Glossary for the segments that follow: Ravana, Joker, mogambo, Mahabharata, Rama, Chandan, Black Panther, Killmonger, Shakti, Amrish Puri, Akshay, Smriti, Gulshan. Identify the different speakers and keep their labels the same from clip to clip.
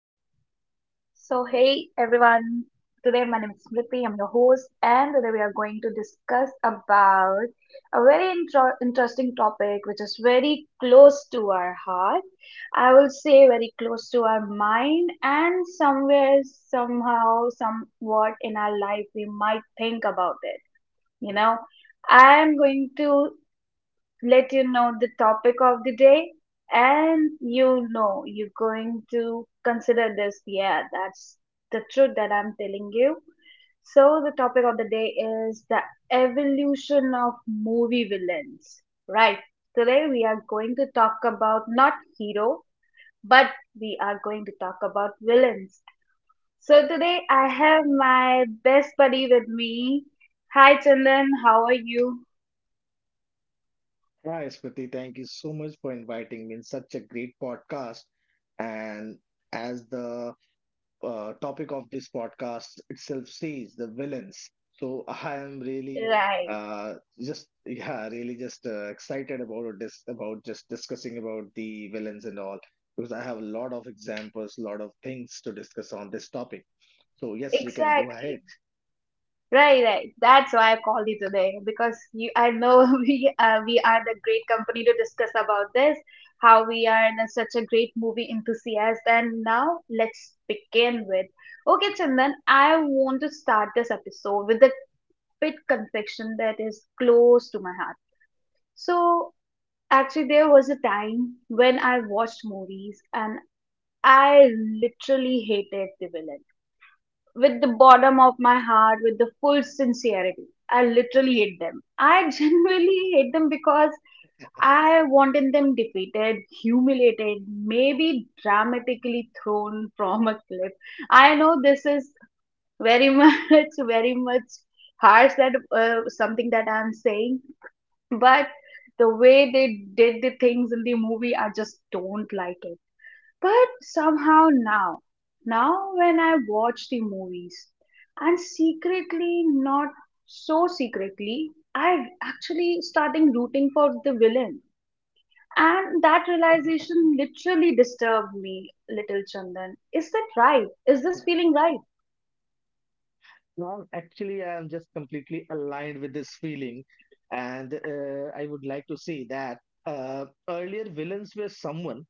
Speaker 1: So, hey everyone, today my name is Smriti, I'm your host, and today we are going to discuss about a very interesting topic which is very close to our heart. I will say very close to our mind, and somewhere, somehow, somewhat in our life, we might think about it. You know, I am going to let you know the topic of the day, and you know you're going to consider this. Yeah, that's the truth that I'm telling you. So the topic of the day is the evolution of movie villains, right? Today we are going to talk about not hero, but we are going to talk about villains. So today I have my best buddy with me. Hi Chandan, how are you?
Speaker 2: Hi, Smriti. Thank you so much for inviting me in such a great podcast. And as the topic of this podcast itself says, the villains. So I am really
Speaker 1: Right.
Speaker 2: just yeah, really just excited about this, about just discussing about the villains and all, because I have a lot of examples, a lot of things to discuss on this topic. So yes, we can go ahead.
Speaker 1: Exactly. Right, right. That's why I called you today because you, I know we are the great company to discuss about this, how we are the, such a great movie enthusiast. And now let's begin with. Okay, Chandan, I want to start this episode with a bit confection that is close to my heart. So actually, there was a time when I watched movies and I literally hated the villain with the bottom of my heart, with the full sincerity. I literally hate them. I genuinely hate them because I wanted them defeated, humiliated, maybe dramatically thrown from a cliff. I know this is very much, very much harsh that something that I'm saying, but the way they did the things in the movie, I just don't like it. But somehow now, now when I watch the movies, and secretly, not so secretly, I actually starting rooting for the villain. And that realization literally disturbed me, little Chandan. Is that right? Is this feeling right?
Speaker 2: No, actually, I am just completely aligned with this feeling. And I would like to say that earlier villains were someone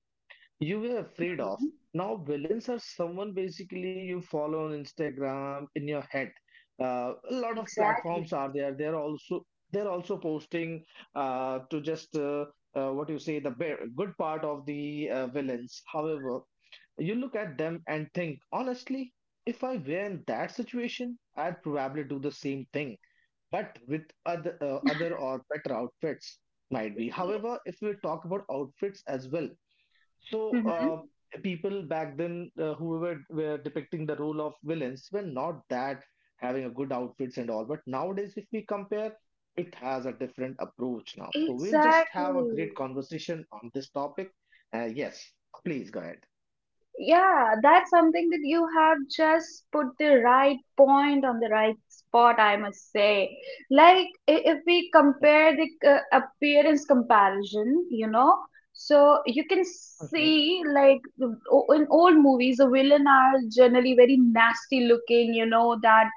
Speaker 2: you were afraid of.
Speaker 1: Mhm.
Speaker 2: Now, villains are someone basically you follow on Instagram, in your head. A lot of
Speaker 1: Exactly.
Speaker 2: platforms are there. They're also posting to just what you say the good part of the villains. However, you look at them and think, honestly, if I were in that situation, I'd probably do the same thing, but with other or better outfits, might be. However, if we talk about outfits as well, so
Speaker 1: Hmm.
Speaker 2: uh, people back then, whoever were depicting the role of villains, were not that having a good outfits and all. But nowadays, if we compare, it has a different approach now. So we'll just have a great
Speaker 1: Exactly.
Speaker 2: conversation on this topic. Yes, please go ahead.
Speaker 1: Yeah, that's something that you have just put the right point on the right spot, I must say. Like, if we compare the appearance comparison, you know, so you can
Speaker 2: Mhm.
Speaker 1: see, like, in old movies, the villain are generally very nasty looking, you know, that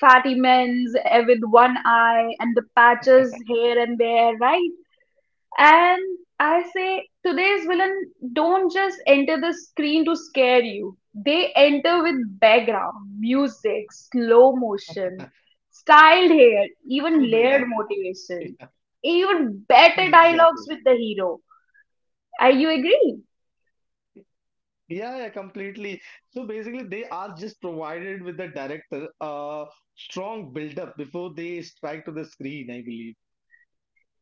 Speaker 1: fatty men's with one eye and the patches here and there, right? And I say today's villain don't just enter the screen to scare you. They enter with background, music, slow motion, styled hair, even
Speaker 2: Full build
Speaker 1: layered
Speaker 2: up.
Speaker 1: motivation,
Speaker 2: Yeah,
Speaker 1: even better dialogues
Speaker 2: exactly.
Speaker 1: with the hero. Are you agree?
Speaker 2: Yeah, yeah, completely. So basically, they are just provided with the director a strong build up before they strike to the screen, I believe.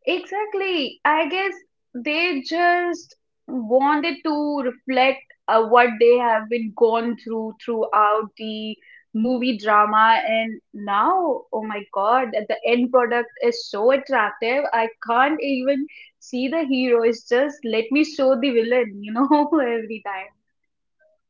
Speaker 1: Exactly. I guess they just wanted to reflect what they have been gone through throughout the movie drama, and now, oh my God, that the end product is so attractive. I can't even see the hero. It's just let me show the villain, you know, every time.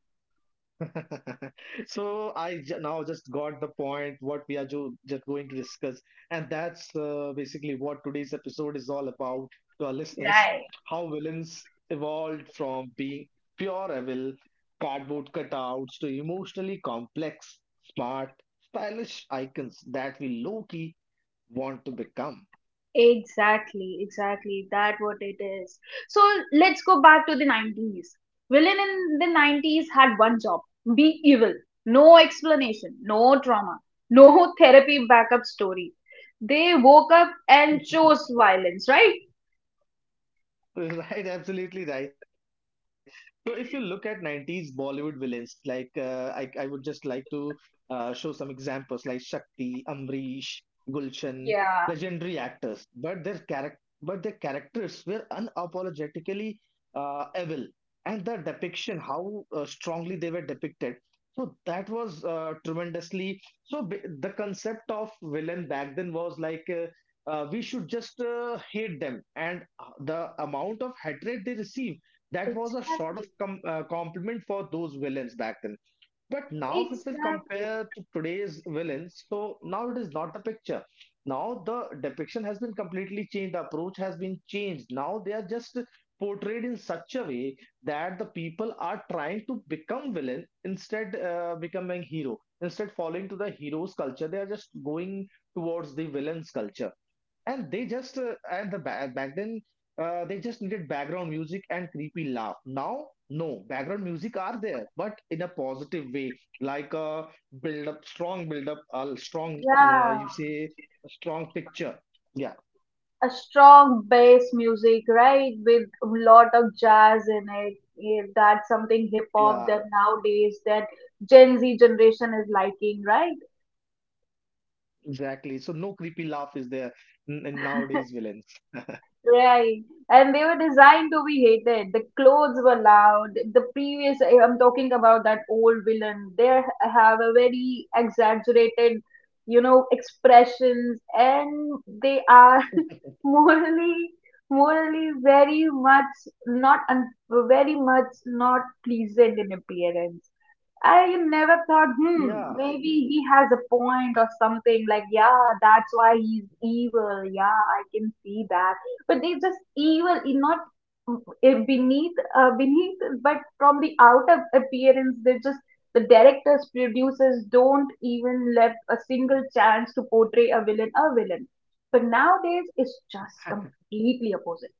Speaker 2: So I j now just got the point what we are ju just going to discuss, and that's basically what today's episode is all about to our listeners.
Speaker 1: Right.
Speaker 2: How villains evolved from being pure evil, cardboard cutouts, to emotionally complex, smart, stylish icons that we low-key want to become.
Speaker 1: Exactly, exactly. That what it is. So let's go back to the 90s. Villain in the 90s had one job, be evil. No explanation, no trauma, no therapy backup story. They woke up and chose violence, right?
Speaker 2: Right, absolutely right. So if you look at 90s Bollywood villains, like I would just like to show some examples like Shakti, Amrish, Gulshan, legendary
Speaker 1: Yeah,
Speaker 2: actors, but their character but their characters were unapologetically evil, and the depiction, how strongly they were depicted. So that was tremendously. So the concept of villain back then was like we should just hate them, and the amount of hatred they receive, that was a sort
Speaker 1: exactly.
Speaker 2: of compliment for those villains back then. But now if we
Speaker 1: Exactly.
Speaker 2: compare to today's villains, so now it is not the picture. Now the depiction has been completely changed, the approach has been changed. Now they are just portrayed in such a way that the people are trying to become villain instead becoming hero, instead following to the hero's culture, they are just going towards the villain's culture. And they just back then they just needed background music and creepy laugh. Now no background music are there, but in a positive way, like a build up, strong build up a strong
Speaker 1: Yeah.
Speaker 2: you say a strong picture, yeah.
Speaker 1: A strong bass music, right, with a lot of jazz in it. Yeah, that's something hip hop
Speaker 2: Yeah,
Speaker 1: that nowadays that Gen Z generation is liking, right?
Speaker 2: exactly, so no creepy laugh is there in nowadays villains.
Speaker 1: Right. And they were designed to be hated. The clothes were loud. The previous, eh, I'm talking about that old villain, they have a very exaggerated, you know, expressions and they are morally, morally very much not, un, very much not pleasant in appearance. I never thought, hmm,
Speaker 2: Yeah.
Speaker 1: maybe he has a point or something. Like, yeah, that's why he's evil. Yeah, I can see that, but they just evil in not beneath but from the outer appearance they just the directors producers don't even left a single chance to portray a villain a villain, but nowadays it's just completely opposite.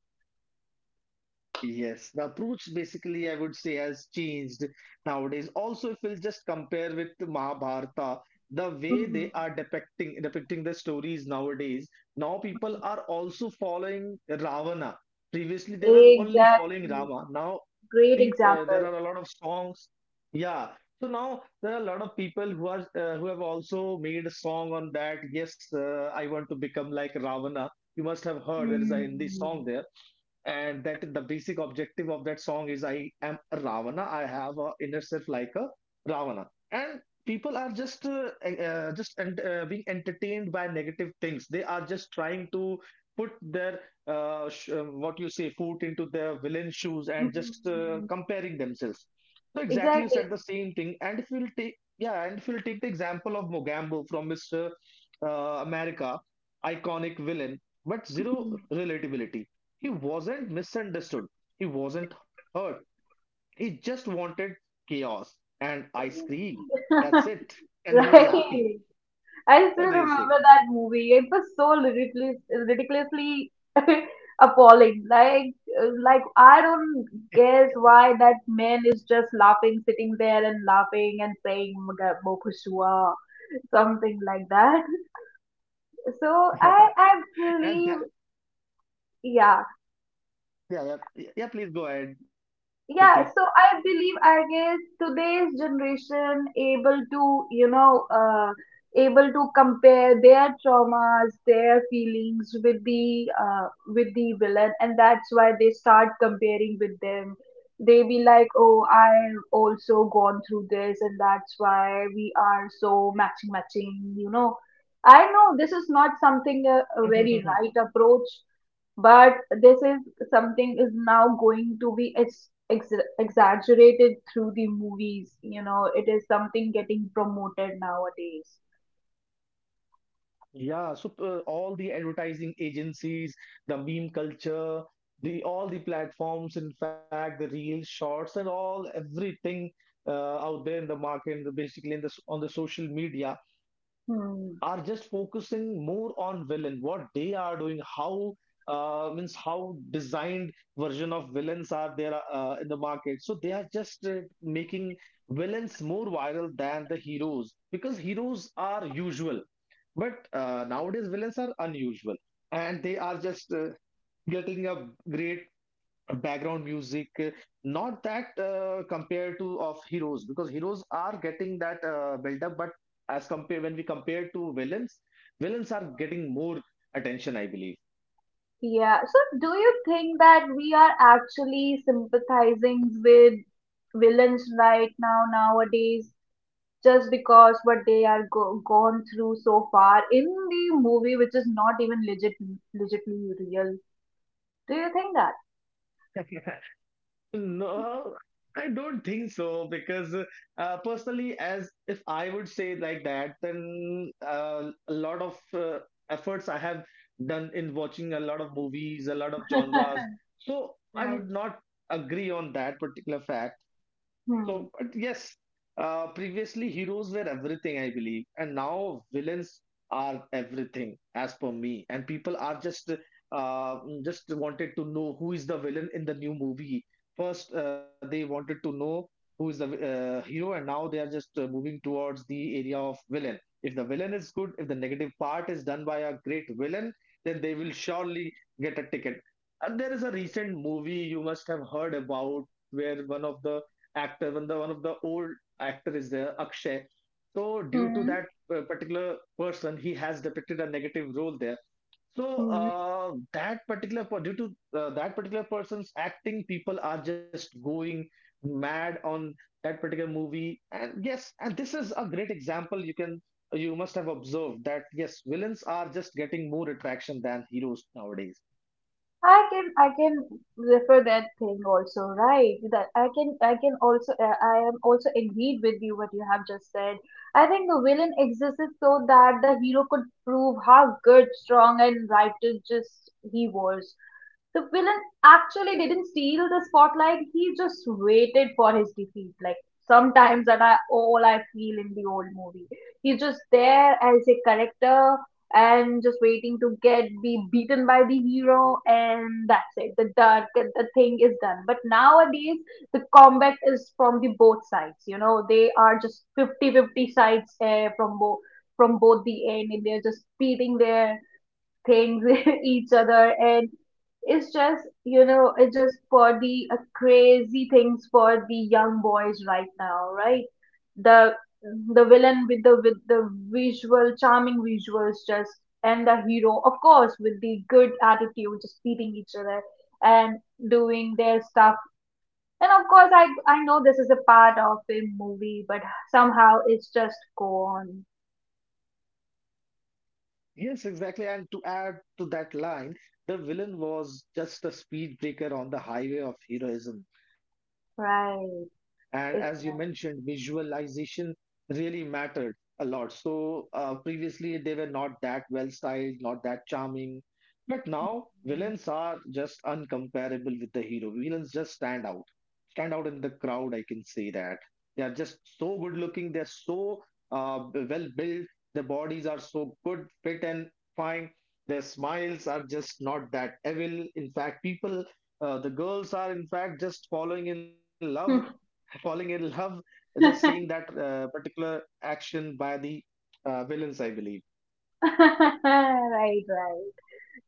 Speaker 2: Yes, the approach basically I would say has changed nowadays. Also, if we'll just compare with Mahabharata, the way they
Speaker 1: Mhm.
Speaker 2: are depicting the stories nowadays, now people are also following Ravana. Previously, they were only following
Speaker 1: Exactly.
Speaker 2: Rama. Now,
Speaker 1: Great
Speaker 2: peop there
Speaker 1: example.
Speaker 2: are a lot of songs. Yeah. So now there are a lot of people who are who have also made a song on that. Yes, I want to become like Ravana. You must have heard there is a Hindi song
Speaker 1: Mm.
Speaker 2: there, and that the basic objective of that song is I am a Ravana, I have a inner self like a Ravana. And people are just being entertained by negative things. They are just trying to put their what you say foot into their villain shoes and just
Speaker 1: Mhm.
Speaker 2: comparing themselves. So exactly, you
Speaker 1: Exactly.
Speaker 2: said the same thing. And if we'll take the example of Mogambo from Mr. America, iconic villain but zero relatability. He wasn't misunderstood. He wasn't hurt. He just wanted chaos and ice cream. That's it. And he was happy.
Speaker 1: Right. I
Speaker 2: What do
Speaker 1: still
Speaker 2: you say?
Speaker 1: remember that movie. It was so ridiculous, ridiculously appalling. Like I don't guess why that man is just laughing, sitting there and laughing and saying "Mga-" "Mokushua," something like that. So I, I
Speaker 2: and that,
Speaker 1: believe, yeah.
Speaker 2: yeah, yeah, yeah, please go ahead, Priti.
Speaker 1: Yeah, so I believe, I guess today's generation able to, you know, able to compare their traumas their feelings with the villain, and that's why they start comparing with them. They be like, oh, I've also gone through this and that's why we are so matching, you know. I know this is not something a very right approach, but this is something is now going to be exaggerated through the movies, you know, it is something getting promoted nowadays.
Speaker 2: Yeah, so all the advertising agencies, the meme culture, the all the platforms, in fact, the real shorts and all everything uh, out there in the market, basically in the on the social media, are just
Speaker 1: Hmm.
Speaker 2: focusing more on villain, what they are doing, how means how designed version of villains are there in the market. So they are just making villains more viral than the heroes, because heroes are usual, but nowadays, villains are unusual, and they are just getting a great background music, not that compared to of heroes, because heroes are getting that build up. But as compare, when we compare to villains, villains are getting more attention, I believe.
Speaker 1: Yeah, so do you think that we are actually sympathizing with villains right now nowadays just because what they are gone through so far in the movie, which is not even legit legitly real? Do you think that?
Speaker 2: No, I don't think so, because personally, as if I would say like that, then a lot of efforts I have done in watching a lot of movies, a lot of genres. So I
Speaker 1: Right.
Speaker 2: would not agree on that particular fact.
Speaker 1: Hmm.
Speaker 2: So, but yes, previously heroes were everything, I believe, and now villains are everything, as per me. And people are uh, just wanted to know who is the villain in the new movie. First, they wanted to know who is the hero, and now they are just moving towards the area of villain. If the villain is good, if the negative part is done by a great villain, then they will surely get a ticket. And there is a recent movie you must have heard about where one of the actor, one of the old actor is there, Akshay. So due to that
Speaker 1: Hmm.
Speaker 2: particular person, he has depicted a negative role there. So
Speaker 1: Hmm.
Speaker 2: due to that particular person's acting, people are just going mad on that particular movie. And yes, and this is a great example. You must have observed that yes, villains are just getting more attraction than heroes nowadays.
Speaker 1: I can, I can refer that thing also, right? That I can, I can also I am also agreed with you what you have just said. I think the villain existed so that the hero could prove how good, strong, and righteous just he was. The villain actually didn't steal the spotlight, he just waited for his defeat. Like sometimes that I, all I feel in the old movie, he's just there as a character and just waiting to get be beaten by the hero, and that's it, the dark the thing is done. But nowadays the combat is from the both sides, you know, they are just 50 50 sides from both the end, and they're just beating their things each other. And it's just, you know, it's just for the crazy things for the young boys right now, right? The the villain with the visual charming visuals, just, and the hero of course with the good attitude just beating each other and doing their stuff. And of course I know this is a part of a movie, but somehow it's just go on.
Speaker 2: Yes, exactly. And to add to that line, the villain was just a speed breaker on the highway of heroism. And as you mentioned,
Speaker 1: Right.
Speaker 2: visualization
Speaker 1: Exactly.
Speaker 2: really mattered a lot. So previously, they were not that well styled, not that charming. But now, villains are just uncomparable with the hero. Villains just stand out in the crowd. I can say that they are just so good looking. They're so well built, their bodies are so good, fit, and fine. Their smiles are just not that evil. In fact, people, the girls are in fact just falling in love, just seeing that particular action by the villains, I believe.
Speaker 1: Right, right.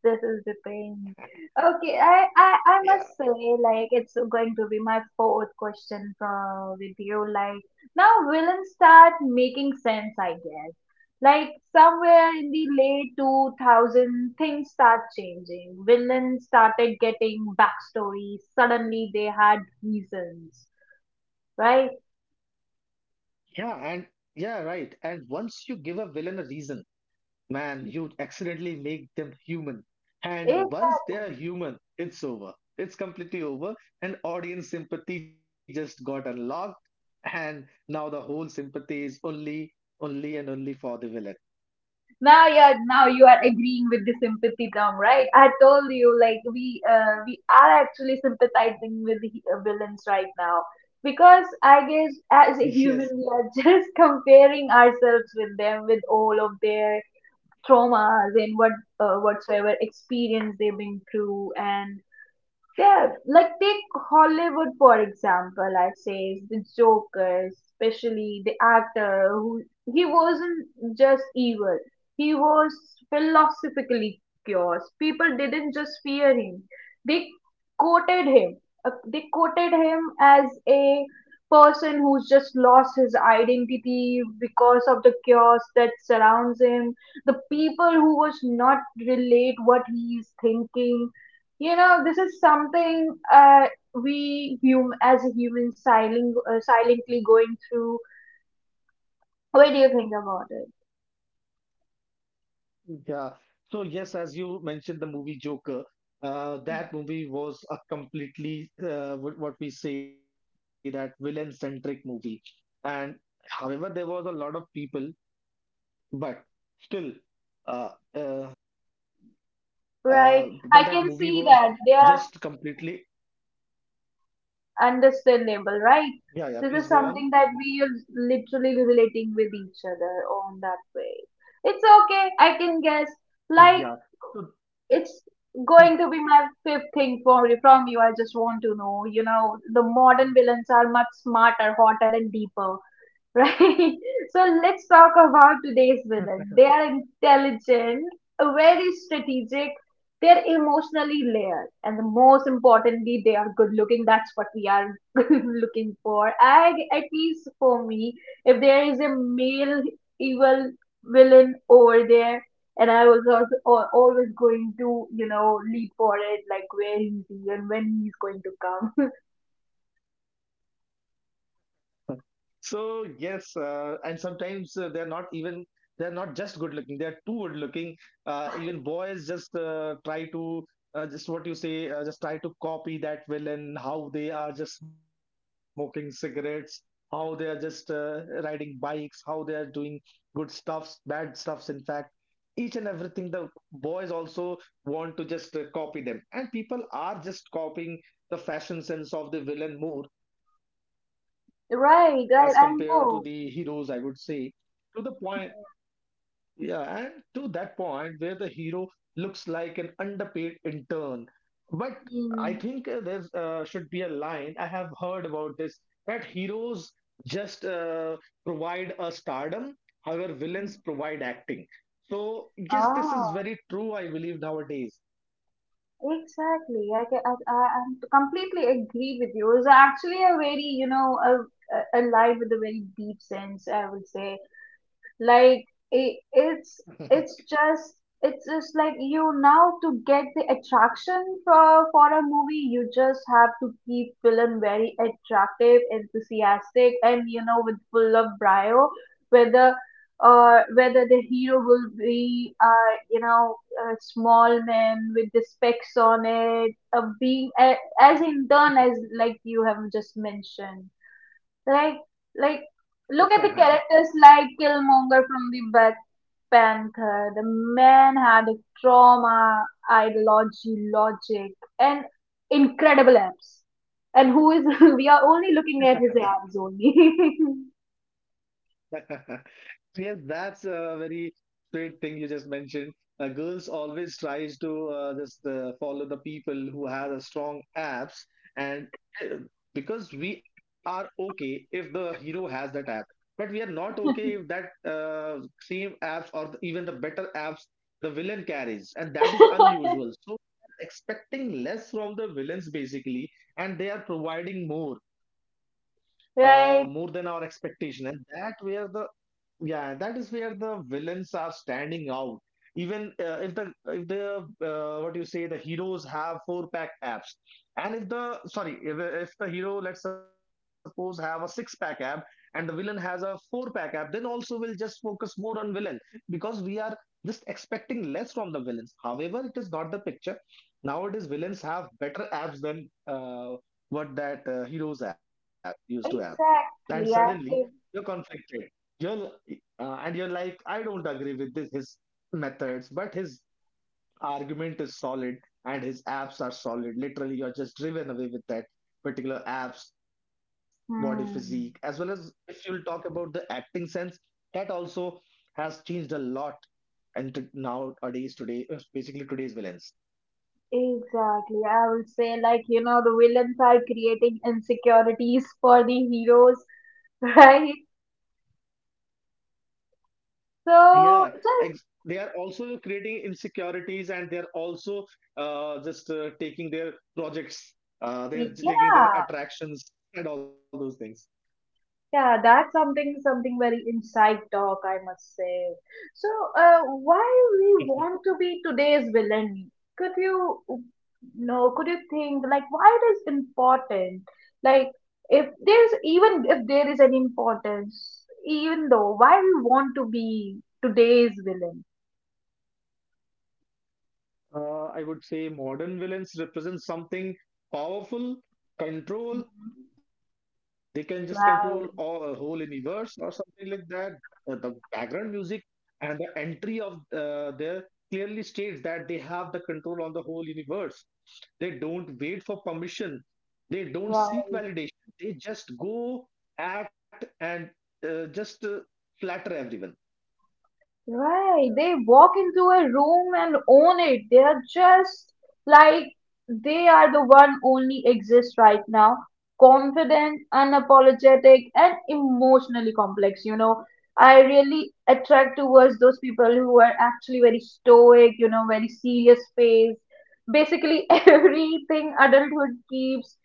Speaker 1: This is the pain. Okay, I
Speaker 2: Yeah,
Speaker 1: must say, like it's going to be my fourth question from with you, like now villains start making sense, I guess. Like somewhere in the late 2000 things start changing, villains started getting backstories, suddenly they had reasons, right?
Speaker 2: yeah, and yeah, right. And once you give a villain a reason, man, you accidentally make them human. And once they're
Speaker 1: Exactly.
Speaker 2: human, it's over. It's completely over. And audience sympathy just got unlocked. And now the whole sympathy is only, and only for the villain.
Speaker 1: Now yeah, now you are agreeing with the sympathy term, right? I told you, like we are actually sympathizing with the villains right now because I guess as a
Speaker 2: Yes.
Speaker 1: human we are just comparing ourselves with them, with all of their traumas and what whatsoever experience they've been through. And yeah, like take Hollywood for example. I say the Joker, especially the actor who, he wasn't just evil. He was philosophically curious. People didn't just fear him; they quoted him. They quoted him as a person who's just lost his identity because of the chaos that surrounds him. The people who was not relate what he is thinking, you know, this is something we as a human silent, silently going through. What do you think about it?
Speaker 2: Yeah. So, yes, as you mentioned, the movie Joker, that movie was a completely, what we say, that villain centric movie. And however, there was a lot of people, but still uh, uh, but
Speaker 1: Right?
Speaker 2: that
Speaker 1: I
Speaker 2: movie
Speaker 1: can
Speaker 2: was
Speaker 1: see that they
Speaker 2: just
Speaker 1: are
Speaker 2: completely
Speaker 1: understandable, right?
Speaker 2: yeah. Yeah, please
Speaker 1: This
Speaker 2: go
Speaker 1: is
Speaker 2: on.
Speaker 1: something that we are literally relating with each other on that way. It's okay, I can guess. Like,
Speaker 2: Yeah, so
Speaker 1: it's going to be my fifth thing for from you. I just want to know, you know, the modern villains are much smarter, hotter, and deeper. Right. So let's talk about today's villain. They are intelligent, very strategic, they're emotionally layered, and the most importantly, they are good looking. That's what we are looking for. I, at least for me, if there is a male evil villain over there, and I was also, always going to, you know, lead for it, like where he's and when he's going to come.
Speaker 2: so yes, and sometimes they're not just good looking. They're too good looking. Even boys just try to just what you say, just try to copy that villain. How they are just smoking cigarettes. How they are just riding bikes. How they are doing good stuffs, bad stuffs. In fact, each and everything the boys also want to just copy them, and people are just copying the fashion sense of the villain more as compared to the
Speaker 1: Right, right,
Speaker 2: heroes,
Speaker 1: I
Speaker 2: I would
Speaker 1: know.
Speaker 2: say, to the point, yeah, and to that point where the hero looks like an underpaid intern. But I
Speaker 1: Mm.
Speaker 2: think there's should be a line I have heard about this, that heroes just provide a stardom, however,
Speaker 1: Mm.
Speaker 2: villains provide acting. So, yes, this
Speaker 1: Ah.
Speaker 2: is very true, I believe, nowadays.
Speaker 1: Exactly. I, ca- I I'm completely agree with you. It's actually a very, you know, a lie with a very deep sense, I would say. Like i it's it's just it's just like you now, to get the attraction for a movie you just have to keep villain very attractive, enthusiastic, and you know, with full of brio. whether Whether the hero will be you know, a small man with the specs on it, being a, as in turn as like you have just mentioned. like, like, Look at the characters like Killmonger from the Black Panther. The man had a trauma, ideology, logic, and incredible abs. And who is, we are only looking at his abs only.
Speaker 2: Yes, that's a very straight thing you just mentioned. Girls always tries to just follow the people who have a strong apps, and uh, because we are okay if the hero has that app, but we are not okay if that same apps or even the better apps the villain carries, and that is unusual. So we are expecting less from the villains, basically, and they are providing more, more than our
Speaker 1: Right,
Speaker 2: expectation, and that where the yeah, that is where the villains are standing out. Even if the what you say the heroes have four pack abs, and if the hero, let's suppose, have a six pack ab and the villain has a four pack ab, then also we'll just focus more on villain because we are just expecting less from the villains. However, it is not the picture. Nowadays, villains have better abs than what that heroes have used to have, and suddenly
Speaker 1: exactly. I
Speaker 2: you're
Speaker 1: think,
Speaker 2: conflicted. You're, and you're like, I don't agree with this, his methods, but his argument is solid and his abs are solid. Literally, you're just driven away with that particular abs, body physique, as well
Speaker 1: hmm,
Speaker 2: as if you'll talk about the acting sense, that also has changed a lot and to nowadays today, basically today's villains.
Speaker 1: exactly. I would say, like, you know, the villains are creating insecurities for the heroes, right?
Speaker 2: Yeah, ex
Speaker 1: So,
Speaker 2: they
Speaker 1: so
Speaker 2: are also creating insecurities, and they are also just taking their projects, they're taking their
Speaker 1: yeah,
Speaker 2: attractions and all those things.
Speaker 1: yeah, that's something something very inside talk, I must say. So, why we want to be today's villain? Could you, no? Could you think like why it is important? Like if there's even if there is an importance, even though why we want to be today's villain?
Speaker 2: I would say modern villains represent something powerful, control. They can just control all, a whole
Speaker 1: Wow,
Speaker 2: universe or something like that. The background music and the entry of there clearly states that they have the control on the whole universe. They don't wait for permission. They don't seek
Speaker 1: wow.
Speaker 2: validation. They just go act and just flatter everyone.
Speaker 1: Right, they walk into a room and own it. They are just like they are the one only exist right now. Confident, unapologetic, and emotionally complex. You know, I really attract towards those people who are actually very stoic, you know, very serious face. Basically, everything adulthood keeps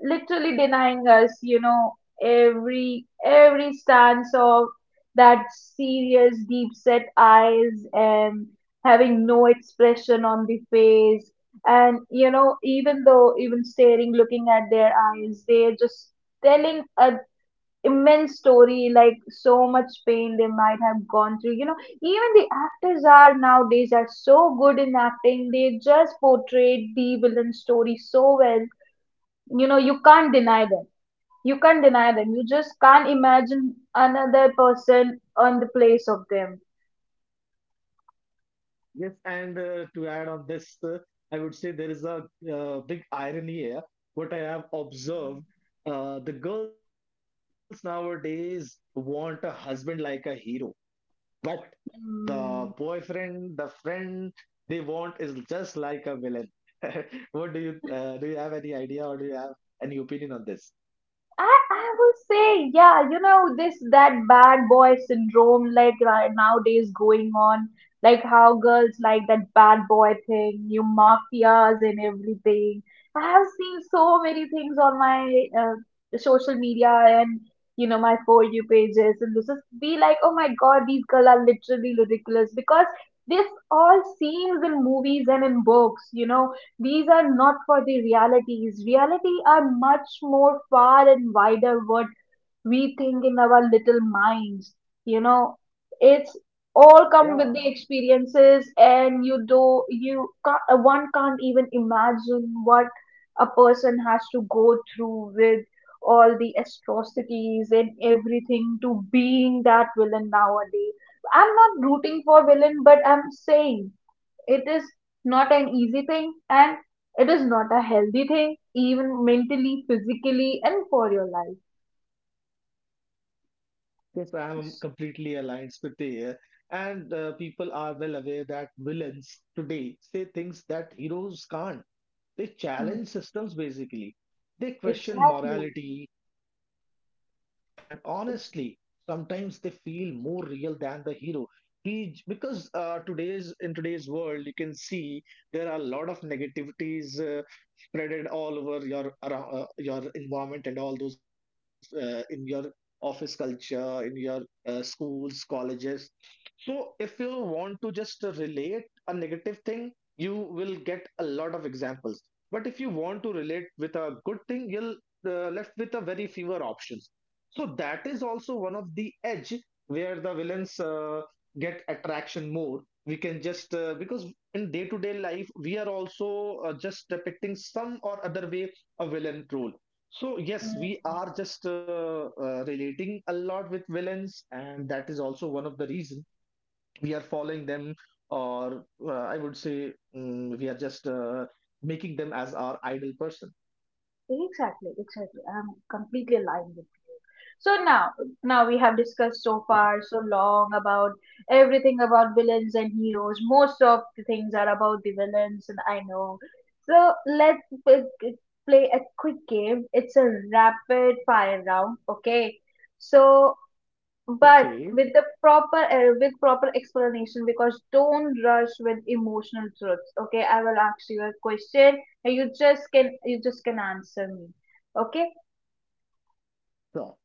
Speaker 1: literally denying us, you know, every stance of that serious, deep set eyes and having no expression on the face. And, you know, even though, even staring, looking at their eyes, they're just telling a immense story, like so much pain they might have gone through, you know. Even the actors are nowadays are so good in acting, they just portrayed the villain story so well, you know. You can't deny them, you can't deny them. You just can't imagine another person on the place of them.
Speaker 2: Yes, and to add on this, I would say there is a big irony here. What I have observed, the girls nowadays want a husband like a hero, but the
Speaker 1: Mm.
Speaker 2: boyfriend, the friend they want is just like a villain. What do? You have any idea, or do you have any opinion on this?
Speaker 1: I would say, yeah, you know, this that bad boy syndrome, like right nowadays going on, like how girls like that bad boy thing, new mafias and everything. I have seen so many things on my social media and, you know, my for you pages, and this is be like, oh my god, these girls are literally ridiculous because this all seems in movies and in books, you know, these are not for the realities. Reality are much more far and wider what we think in our little minds. You know, it's
Speaker 2: Yeah,
Speaker 1: all come with the experiences, and you can't, one can't even imagine what a person has to go through with all the atrocities and everything to being that villain nowadays. I'm not rooting for villain, but I'm saying it is not an easy thing, and it is not a healthy thing, even mentally, physically, and for your life.
Speaker 2: yes, I am
Speaker 1: S-
Speaker 2: completely aligned with you here. And people are well aware that villains today say things that heroes can't. They
Speaker 1: Mm.
Speaker 2: challenge systems, basically. They question
Speaker 1: Exactly.
Speaker 2: morality, and, honestly,
Speaker 1: It's,
Speaker 2: sometimes they feel more real than the hero. Because today's in today's world, you can see there are a lot of negativities spreaded all over your around your environment and all those in your office culture, in your schools, colleges, so if you want to just relate a negative thing, you will get a lot of examples. But if you want to relate with a good thing, you'll left with a very fewer options. So that is also one of the edge where the villains get attraction more. We can just because in day to day life we are also just depicting some or other way a villain role. So yes,
Speaker 1: mm,
Speaker 2: we are just relating a lot with villains, and that is also one of the reason we are following them, or I would say, mm, we are just making them as our idol person.
Speaker 1: exactly. Exactly. I'm completely aligned with you. So now we have discussed
Speaker 2: Yeah.
Speaker 1: so far so long about everything about villains and heroes. Most of the things are about the villains, and I know. So let's p- p- play a quick game. It's a rapid fire round. Okay. So but
Speaker 2: Okay,
Speaker 1: with proper explanation, because don't rush with emotional truths. Okay, I will ask you a question, and you just can answer me. Okay,
Speaker 2: so sure.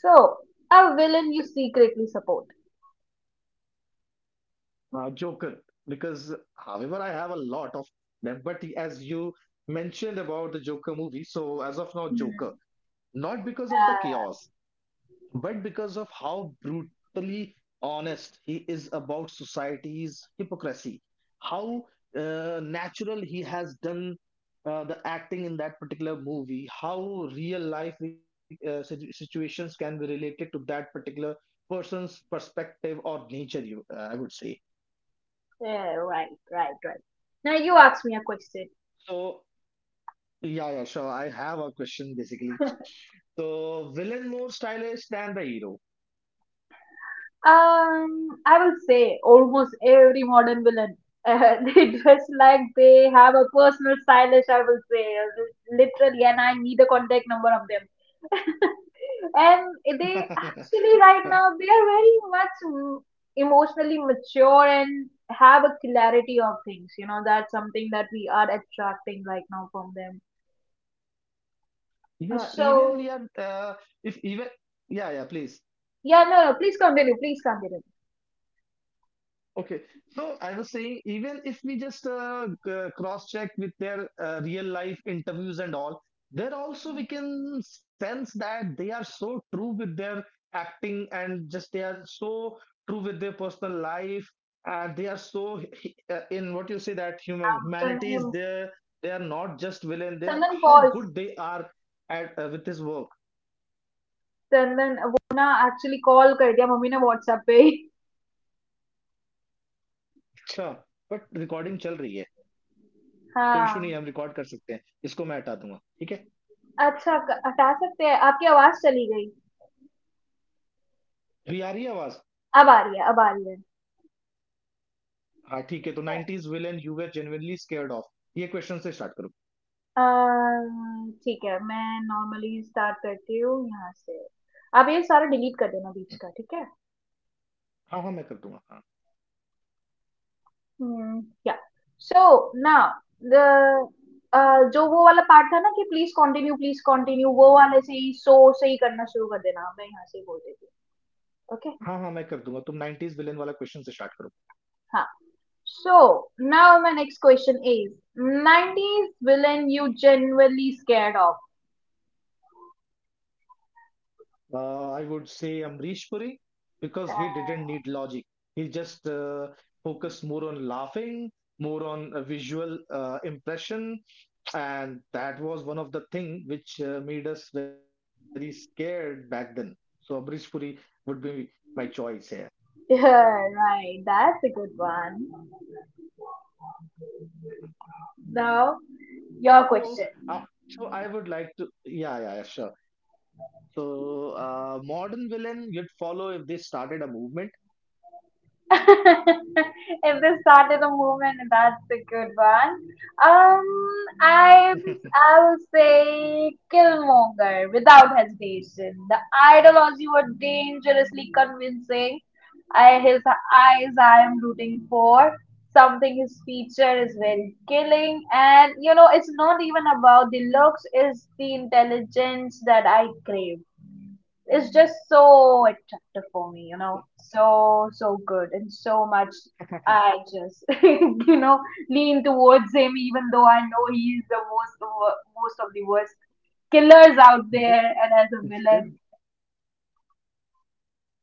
Speaker 1: so a villain you secretly support.
Speaker 2: Joker, because however I have a lot of them, but as you mentioned about the Joker movie, so as of now Joker,
Speaker 1: Hmm.
Speaker 2: not because of the
Speaker 1: uh,
Speaker 2: chaos, but because of how brutally honest he is about society's hypocrisy, how natural he has done the acting in that particular movie, how real life situations can be related to that particular person's perspective or nature, you, I would say.
Speaker 1: yeah, right now you ask me a question.
Speaker 2: So, yeah, sure. I have a question, basically. So, villain more stylish than the hero.
Speaker 1: I will say almost every modern villain. They dress like they have a personal stylist, I will say, literally, and I need a contact number of them. And they actually, right now, they are very much, emotionally mature and have a clarity of things. You know, that's something that we are attracting right now from them.
Speaker 2: Yeah, even
Speaker 1: So,
Speaker 2: we are, if even, yeah, please.
Speaker 1: yeah, no, no, please continue, please continue.
Speaker 2: Okay. So I was saying, even if we just cross-check with their real life interviews and all, there also we can sense that they are so true with their acting and just they are so true with their personal life. And they are so in what you say that
Speaker 1: नाम Chandan
Speaker 2: humanity is
Speaker 1: ये-
Speaker 2: there. They are not just villain. They are
Speaker 1: Chandan
Speaker 2: how
Speaker 1: pause
Speaker 2: good they are at with this work.
Speaker 1: Chandan वो ना actually call कर दिया mummy ने WhatsApp पे
Speaker 2: Sure. But recording chal rahi hai. कोई issue नहीं
Speaker 1: हाँ
Speaker 2: है हम रिकॉर्ड कर सकते हैं इसको मैं हटा दूंगा ठीक है
Speaker 1: अच्छा क- हटा सकते हैं आपकी आवाज चली गई
Speaker 2: भी आ रही है आवाज
Speaker 1: अब आ रही है अब आ रही है
Speaker 2: हाँ ठीक है
Speaker 1: ठीक
Speaker 2: तो
Speaker 1: है
Speaker 2: nineties villain you were genuinely scared of ये क्वेश्चन से स्टार्ट करो
Speaker 1: अम, ठीक है मैं नॉर्मली स्टार्ट करती हूँ यहाँ से आप ये सारा डिलीट कर देना बीच का ठीक है
Speaker 2: हाँ मैं कर दूंगा हाँ
Speaker 1: हम्म या सो नाउ द जो वो वाला पार्ट था ना कि प्लीज कंटिन्यू वो वाले से ही सो से ही करना शुरू कर देना मैं यहाँ से बोल देती हूँ ओके
Speaker 2: हाँ मैं कर दूंगा तुम नाइनटीज विलन वाला क्वेश्चन से स्टार्ट करो
Speaker 1: हाँ So now my next question is, 90s villain you generally scared of.
Speaker 2: I would say Amrish Puri because he didn't need logic he just focus more on laughing more on a visual impression, and that was one of the thing which made us very scared back then, so Amrish Puri would be my choice here.
Speaker 1: Yeah, right. That's a good one. Now your
Speaker 2: So uh,
Speaker 1: question.
Speaker 2: I would like to sure, so modern villain you'd follow if they started a movement.
Speaker 1: If they started a movement, that's a good one. Um, I
Speaker 2: with,
Speaker 1: I will say Killmonger without hesitation. The ideology were dangerously convincing. His eyes I am rooting for. Something his feature is very killing, and you know it's not even about the looks; it's the intelligence that I crave. It's just so attractive for me, you know, so good and so much. I just you know lean towards him, even though I know he's the most of the worst killers out there and as a
Speaker 2: with
Speaker 1: villain,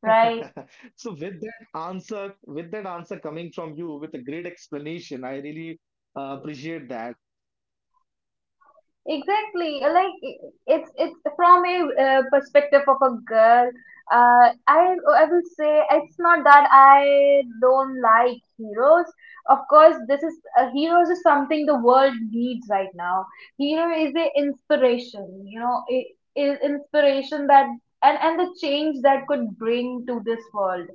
Speaker 1: right?
Speaker 2: so with that answer, with that answer coming from you with a great explanation, I really appreciate that.
Speaker 1: Exactly, like it's from a perspective of a girl. Uh, I I will say it's not that I don't like heroes. Of course, this is heroes is something the world needs right now. Hero is the inspiration, you know, inspiration that and the change that could bring to this world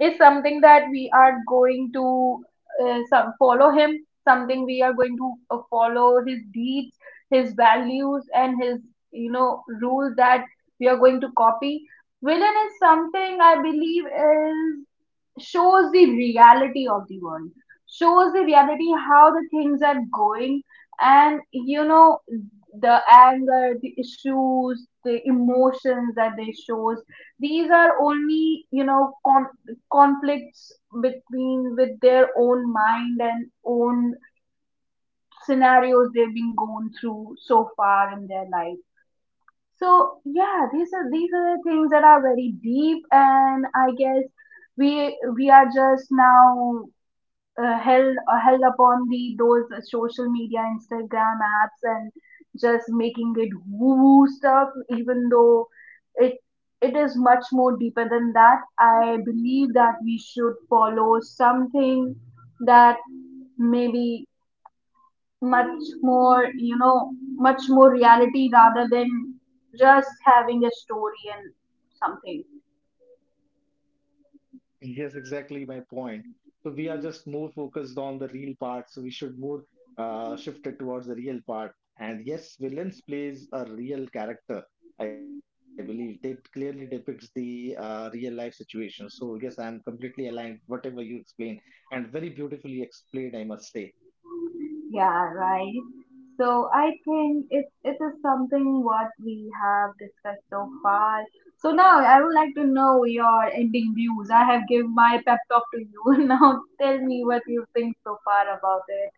Speaker 1: is something that we are going to follow him, something we are going to follow his deeds, his values, and his rule that we are going to copy. Villain is something I believe is shows the reality of the world, shows the reality how the things are going, and you know the anger, the issues, the emotions that they shows, these are only, you know, conflicts between with their own mind and own scenarios they've been going through so far in their life. So yeah, these are the things that are very deep, and I guess we are just now held upon the those social media Instagram apps and just making it woo woo stuff. Even though it it is much more deeper than that, I believe that we should follow something that maybe much more, you know, much more reality rather than just having a story and something.
Speaker 2: Yes, exactly my point. So we are just more focused on the real part. So we should more shift it towards the real part. And yes, villains plays a real character. I believe it clearly depicts the real life situation. So yes, I am completely aligned. Whatever you explain, and very beautifully explained, I must say.
Speaker 1: Yeah, right. So I think it is something what we have discussed so far. So now I would like to know your ending views. I have given my pep talk to you. Now tell me what you think so far about it.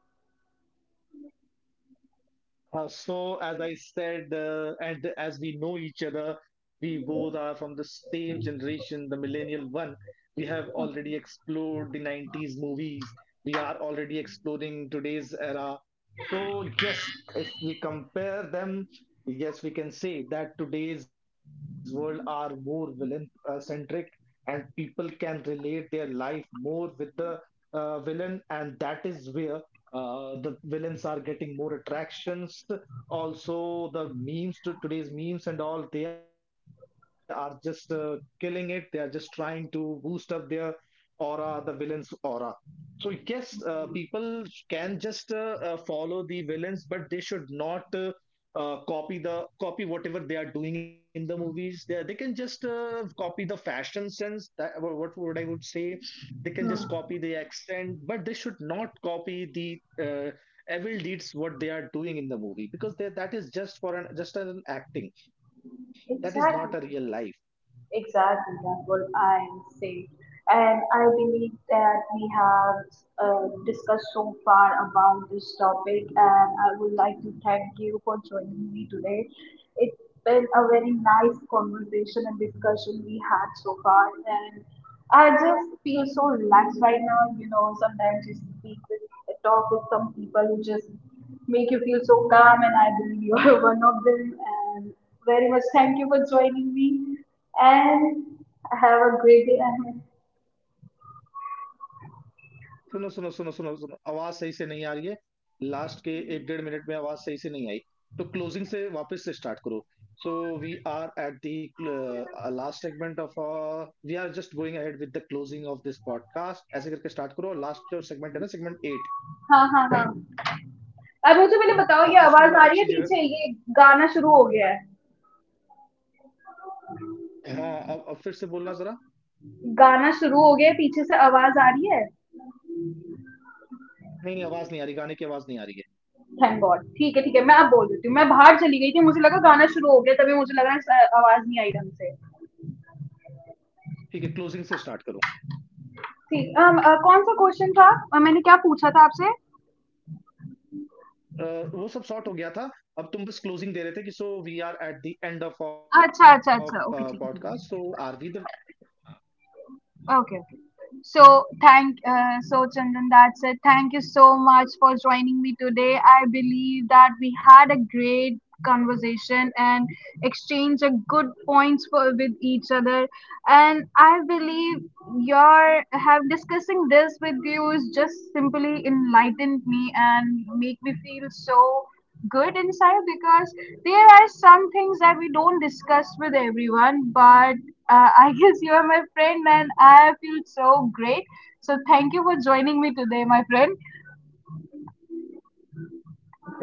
Speaker 2: So, as I said, and as we know each other, we both are from the same generation, the millennial one. We have already explored the 90s movies. We are already exploring today's era. So, yes, if we compare them, yes, we can say that today's world are more villain centric, and people can relate their life more with the villain, and that is where the villains are getting more attractions. Also, the memes to today's memes and all, they are just killing it. They are just trying to boost up their aura, the villains aura. So yes, people
Speaker 1: Hmm.
Speaker 2: can just follow the villains, but they should not copy whatever they are doing in the movies. They can just copy the fashion sense, that what would I would say, they can just
Speaker 1: Hmm.
Speaker 2: copy the accent, but they should not copy the uh, evil deeds what they are doing in the movie, because that is just for an just an acting, that is not a
Speaker 1: Exactly.
Speaker 2: real life.
Speaker 1: Exactly, that's what I'm saying. And I believe that we have discussed so far about this topic, and I would like to thank you for joining me today. It's been a very nice conversation and discussion we had so far, and I just feel so relaxed right now. You know, sometimes you speak with talk with some people who just make you feel so calm, and I believe you're one of them. Very much. Thank you for joining me and have a great day ahead.
Speaker 2: सुनो सुनो सुनो सुनो सुनो आवाज सही से नहीं आ रही है लास्ट के एक डेढ़ मिनट में आवाज सही से नहीं आई तो क्लोजिंग से वापस से स्टार्ट करो. So we are at the last segment of we are just going ahead with the closing of this podcast. ऐसे करके start करो last जो segment है ना segment 8.
Speaker 1: हाँ हाँ हाँ अब मुझे पहले बताओ ये
Speaker 2: हाँ
Speaker 1: आवाज आ
Speaker 2: उसको
Speaker 1: रही है
Speaker 2: थोड़ा अच्छी
Speaker 1: पीछे
Speaker 2: जगह
Speaker 1: ये गाना शुरू हो गया है
Speaker 2: हाँ, अब फिर से बोलना ज़रा।
Speaker 1: गाना शुरू हो गया है पीछे से आवाज आ रही है
Speaker 2: नहीं, नहीं आवाज़ नहीं आ रही, गाने की आवाज़ नहीं आ रही है।
Speaker 1: थैंक गॉड ठीक है मैं अब बोल देती हूँ मैं बाहर चली गई थी मुझे लगा गाना शुरू हो गया तभी मुझे लग रहा है आवाज नहीं आई ढंग से
Speaker 2: ठीक है, क्लोज़िंग से स्टार्ट करो।
Speaker 1: ठीक अम, अ, कौन सा क्वेश्चन था अ, मैंने क्या पूछा था आपसे
Speaker 2: अ, वो सब सॉर्ट हो गया था। अब तुम बस क्लोज़िंग दे रहे थे कि so we are at the end of a
Speaker 1: अच्छा अच्छा
Speaker 2: अ,
Speaker 1: अच्छा okay
Speaker 2: podcast so are we
Speaker 1: ठीक है
Speaker 2: the
Speaker 1: Okay, okay. So Chandan, that's it. Thank you so much for joining me today. I believe that we had a great conversation and exchange a good points for with each other. And I believe your have discussing this with you is just simply enlightened me and make me feel so good inside, because there are some things that we don't discuss with everyone, but I guess you are my friend and I feel so great. So thank you for joining me today, my friend.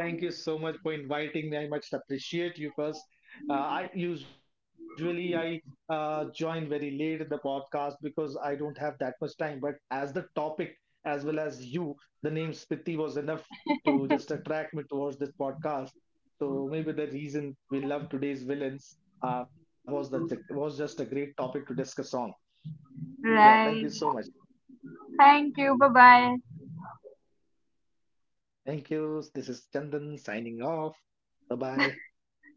Speaker 2: Thank you so much for inviting me. I much appreciate you first. Uh, I usually I join very late in the podcast because I don't have that much time. But as the topic, as well as you, the name Spiti was enough to just attract me towards this podcast. So maybe the reason we love today's villains was, that was just a great topic to discuss on. Yeah,
Speaker 1: Right.
Speaker 2: thank you so much.
Speaker 1: Thank you, bye bye.
Speaker 2: Thank you. This is Chandan signing off. Bye bye.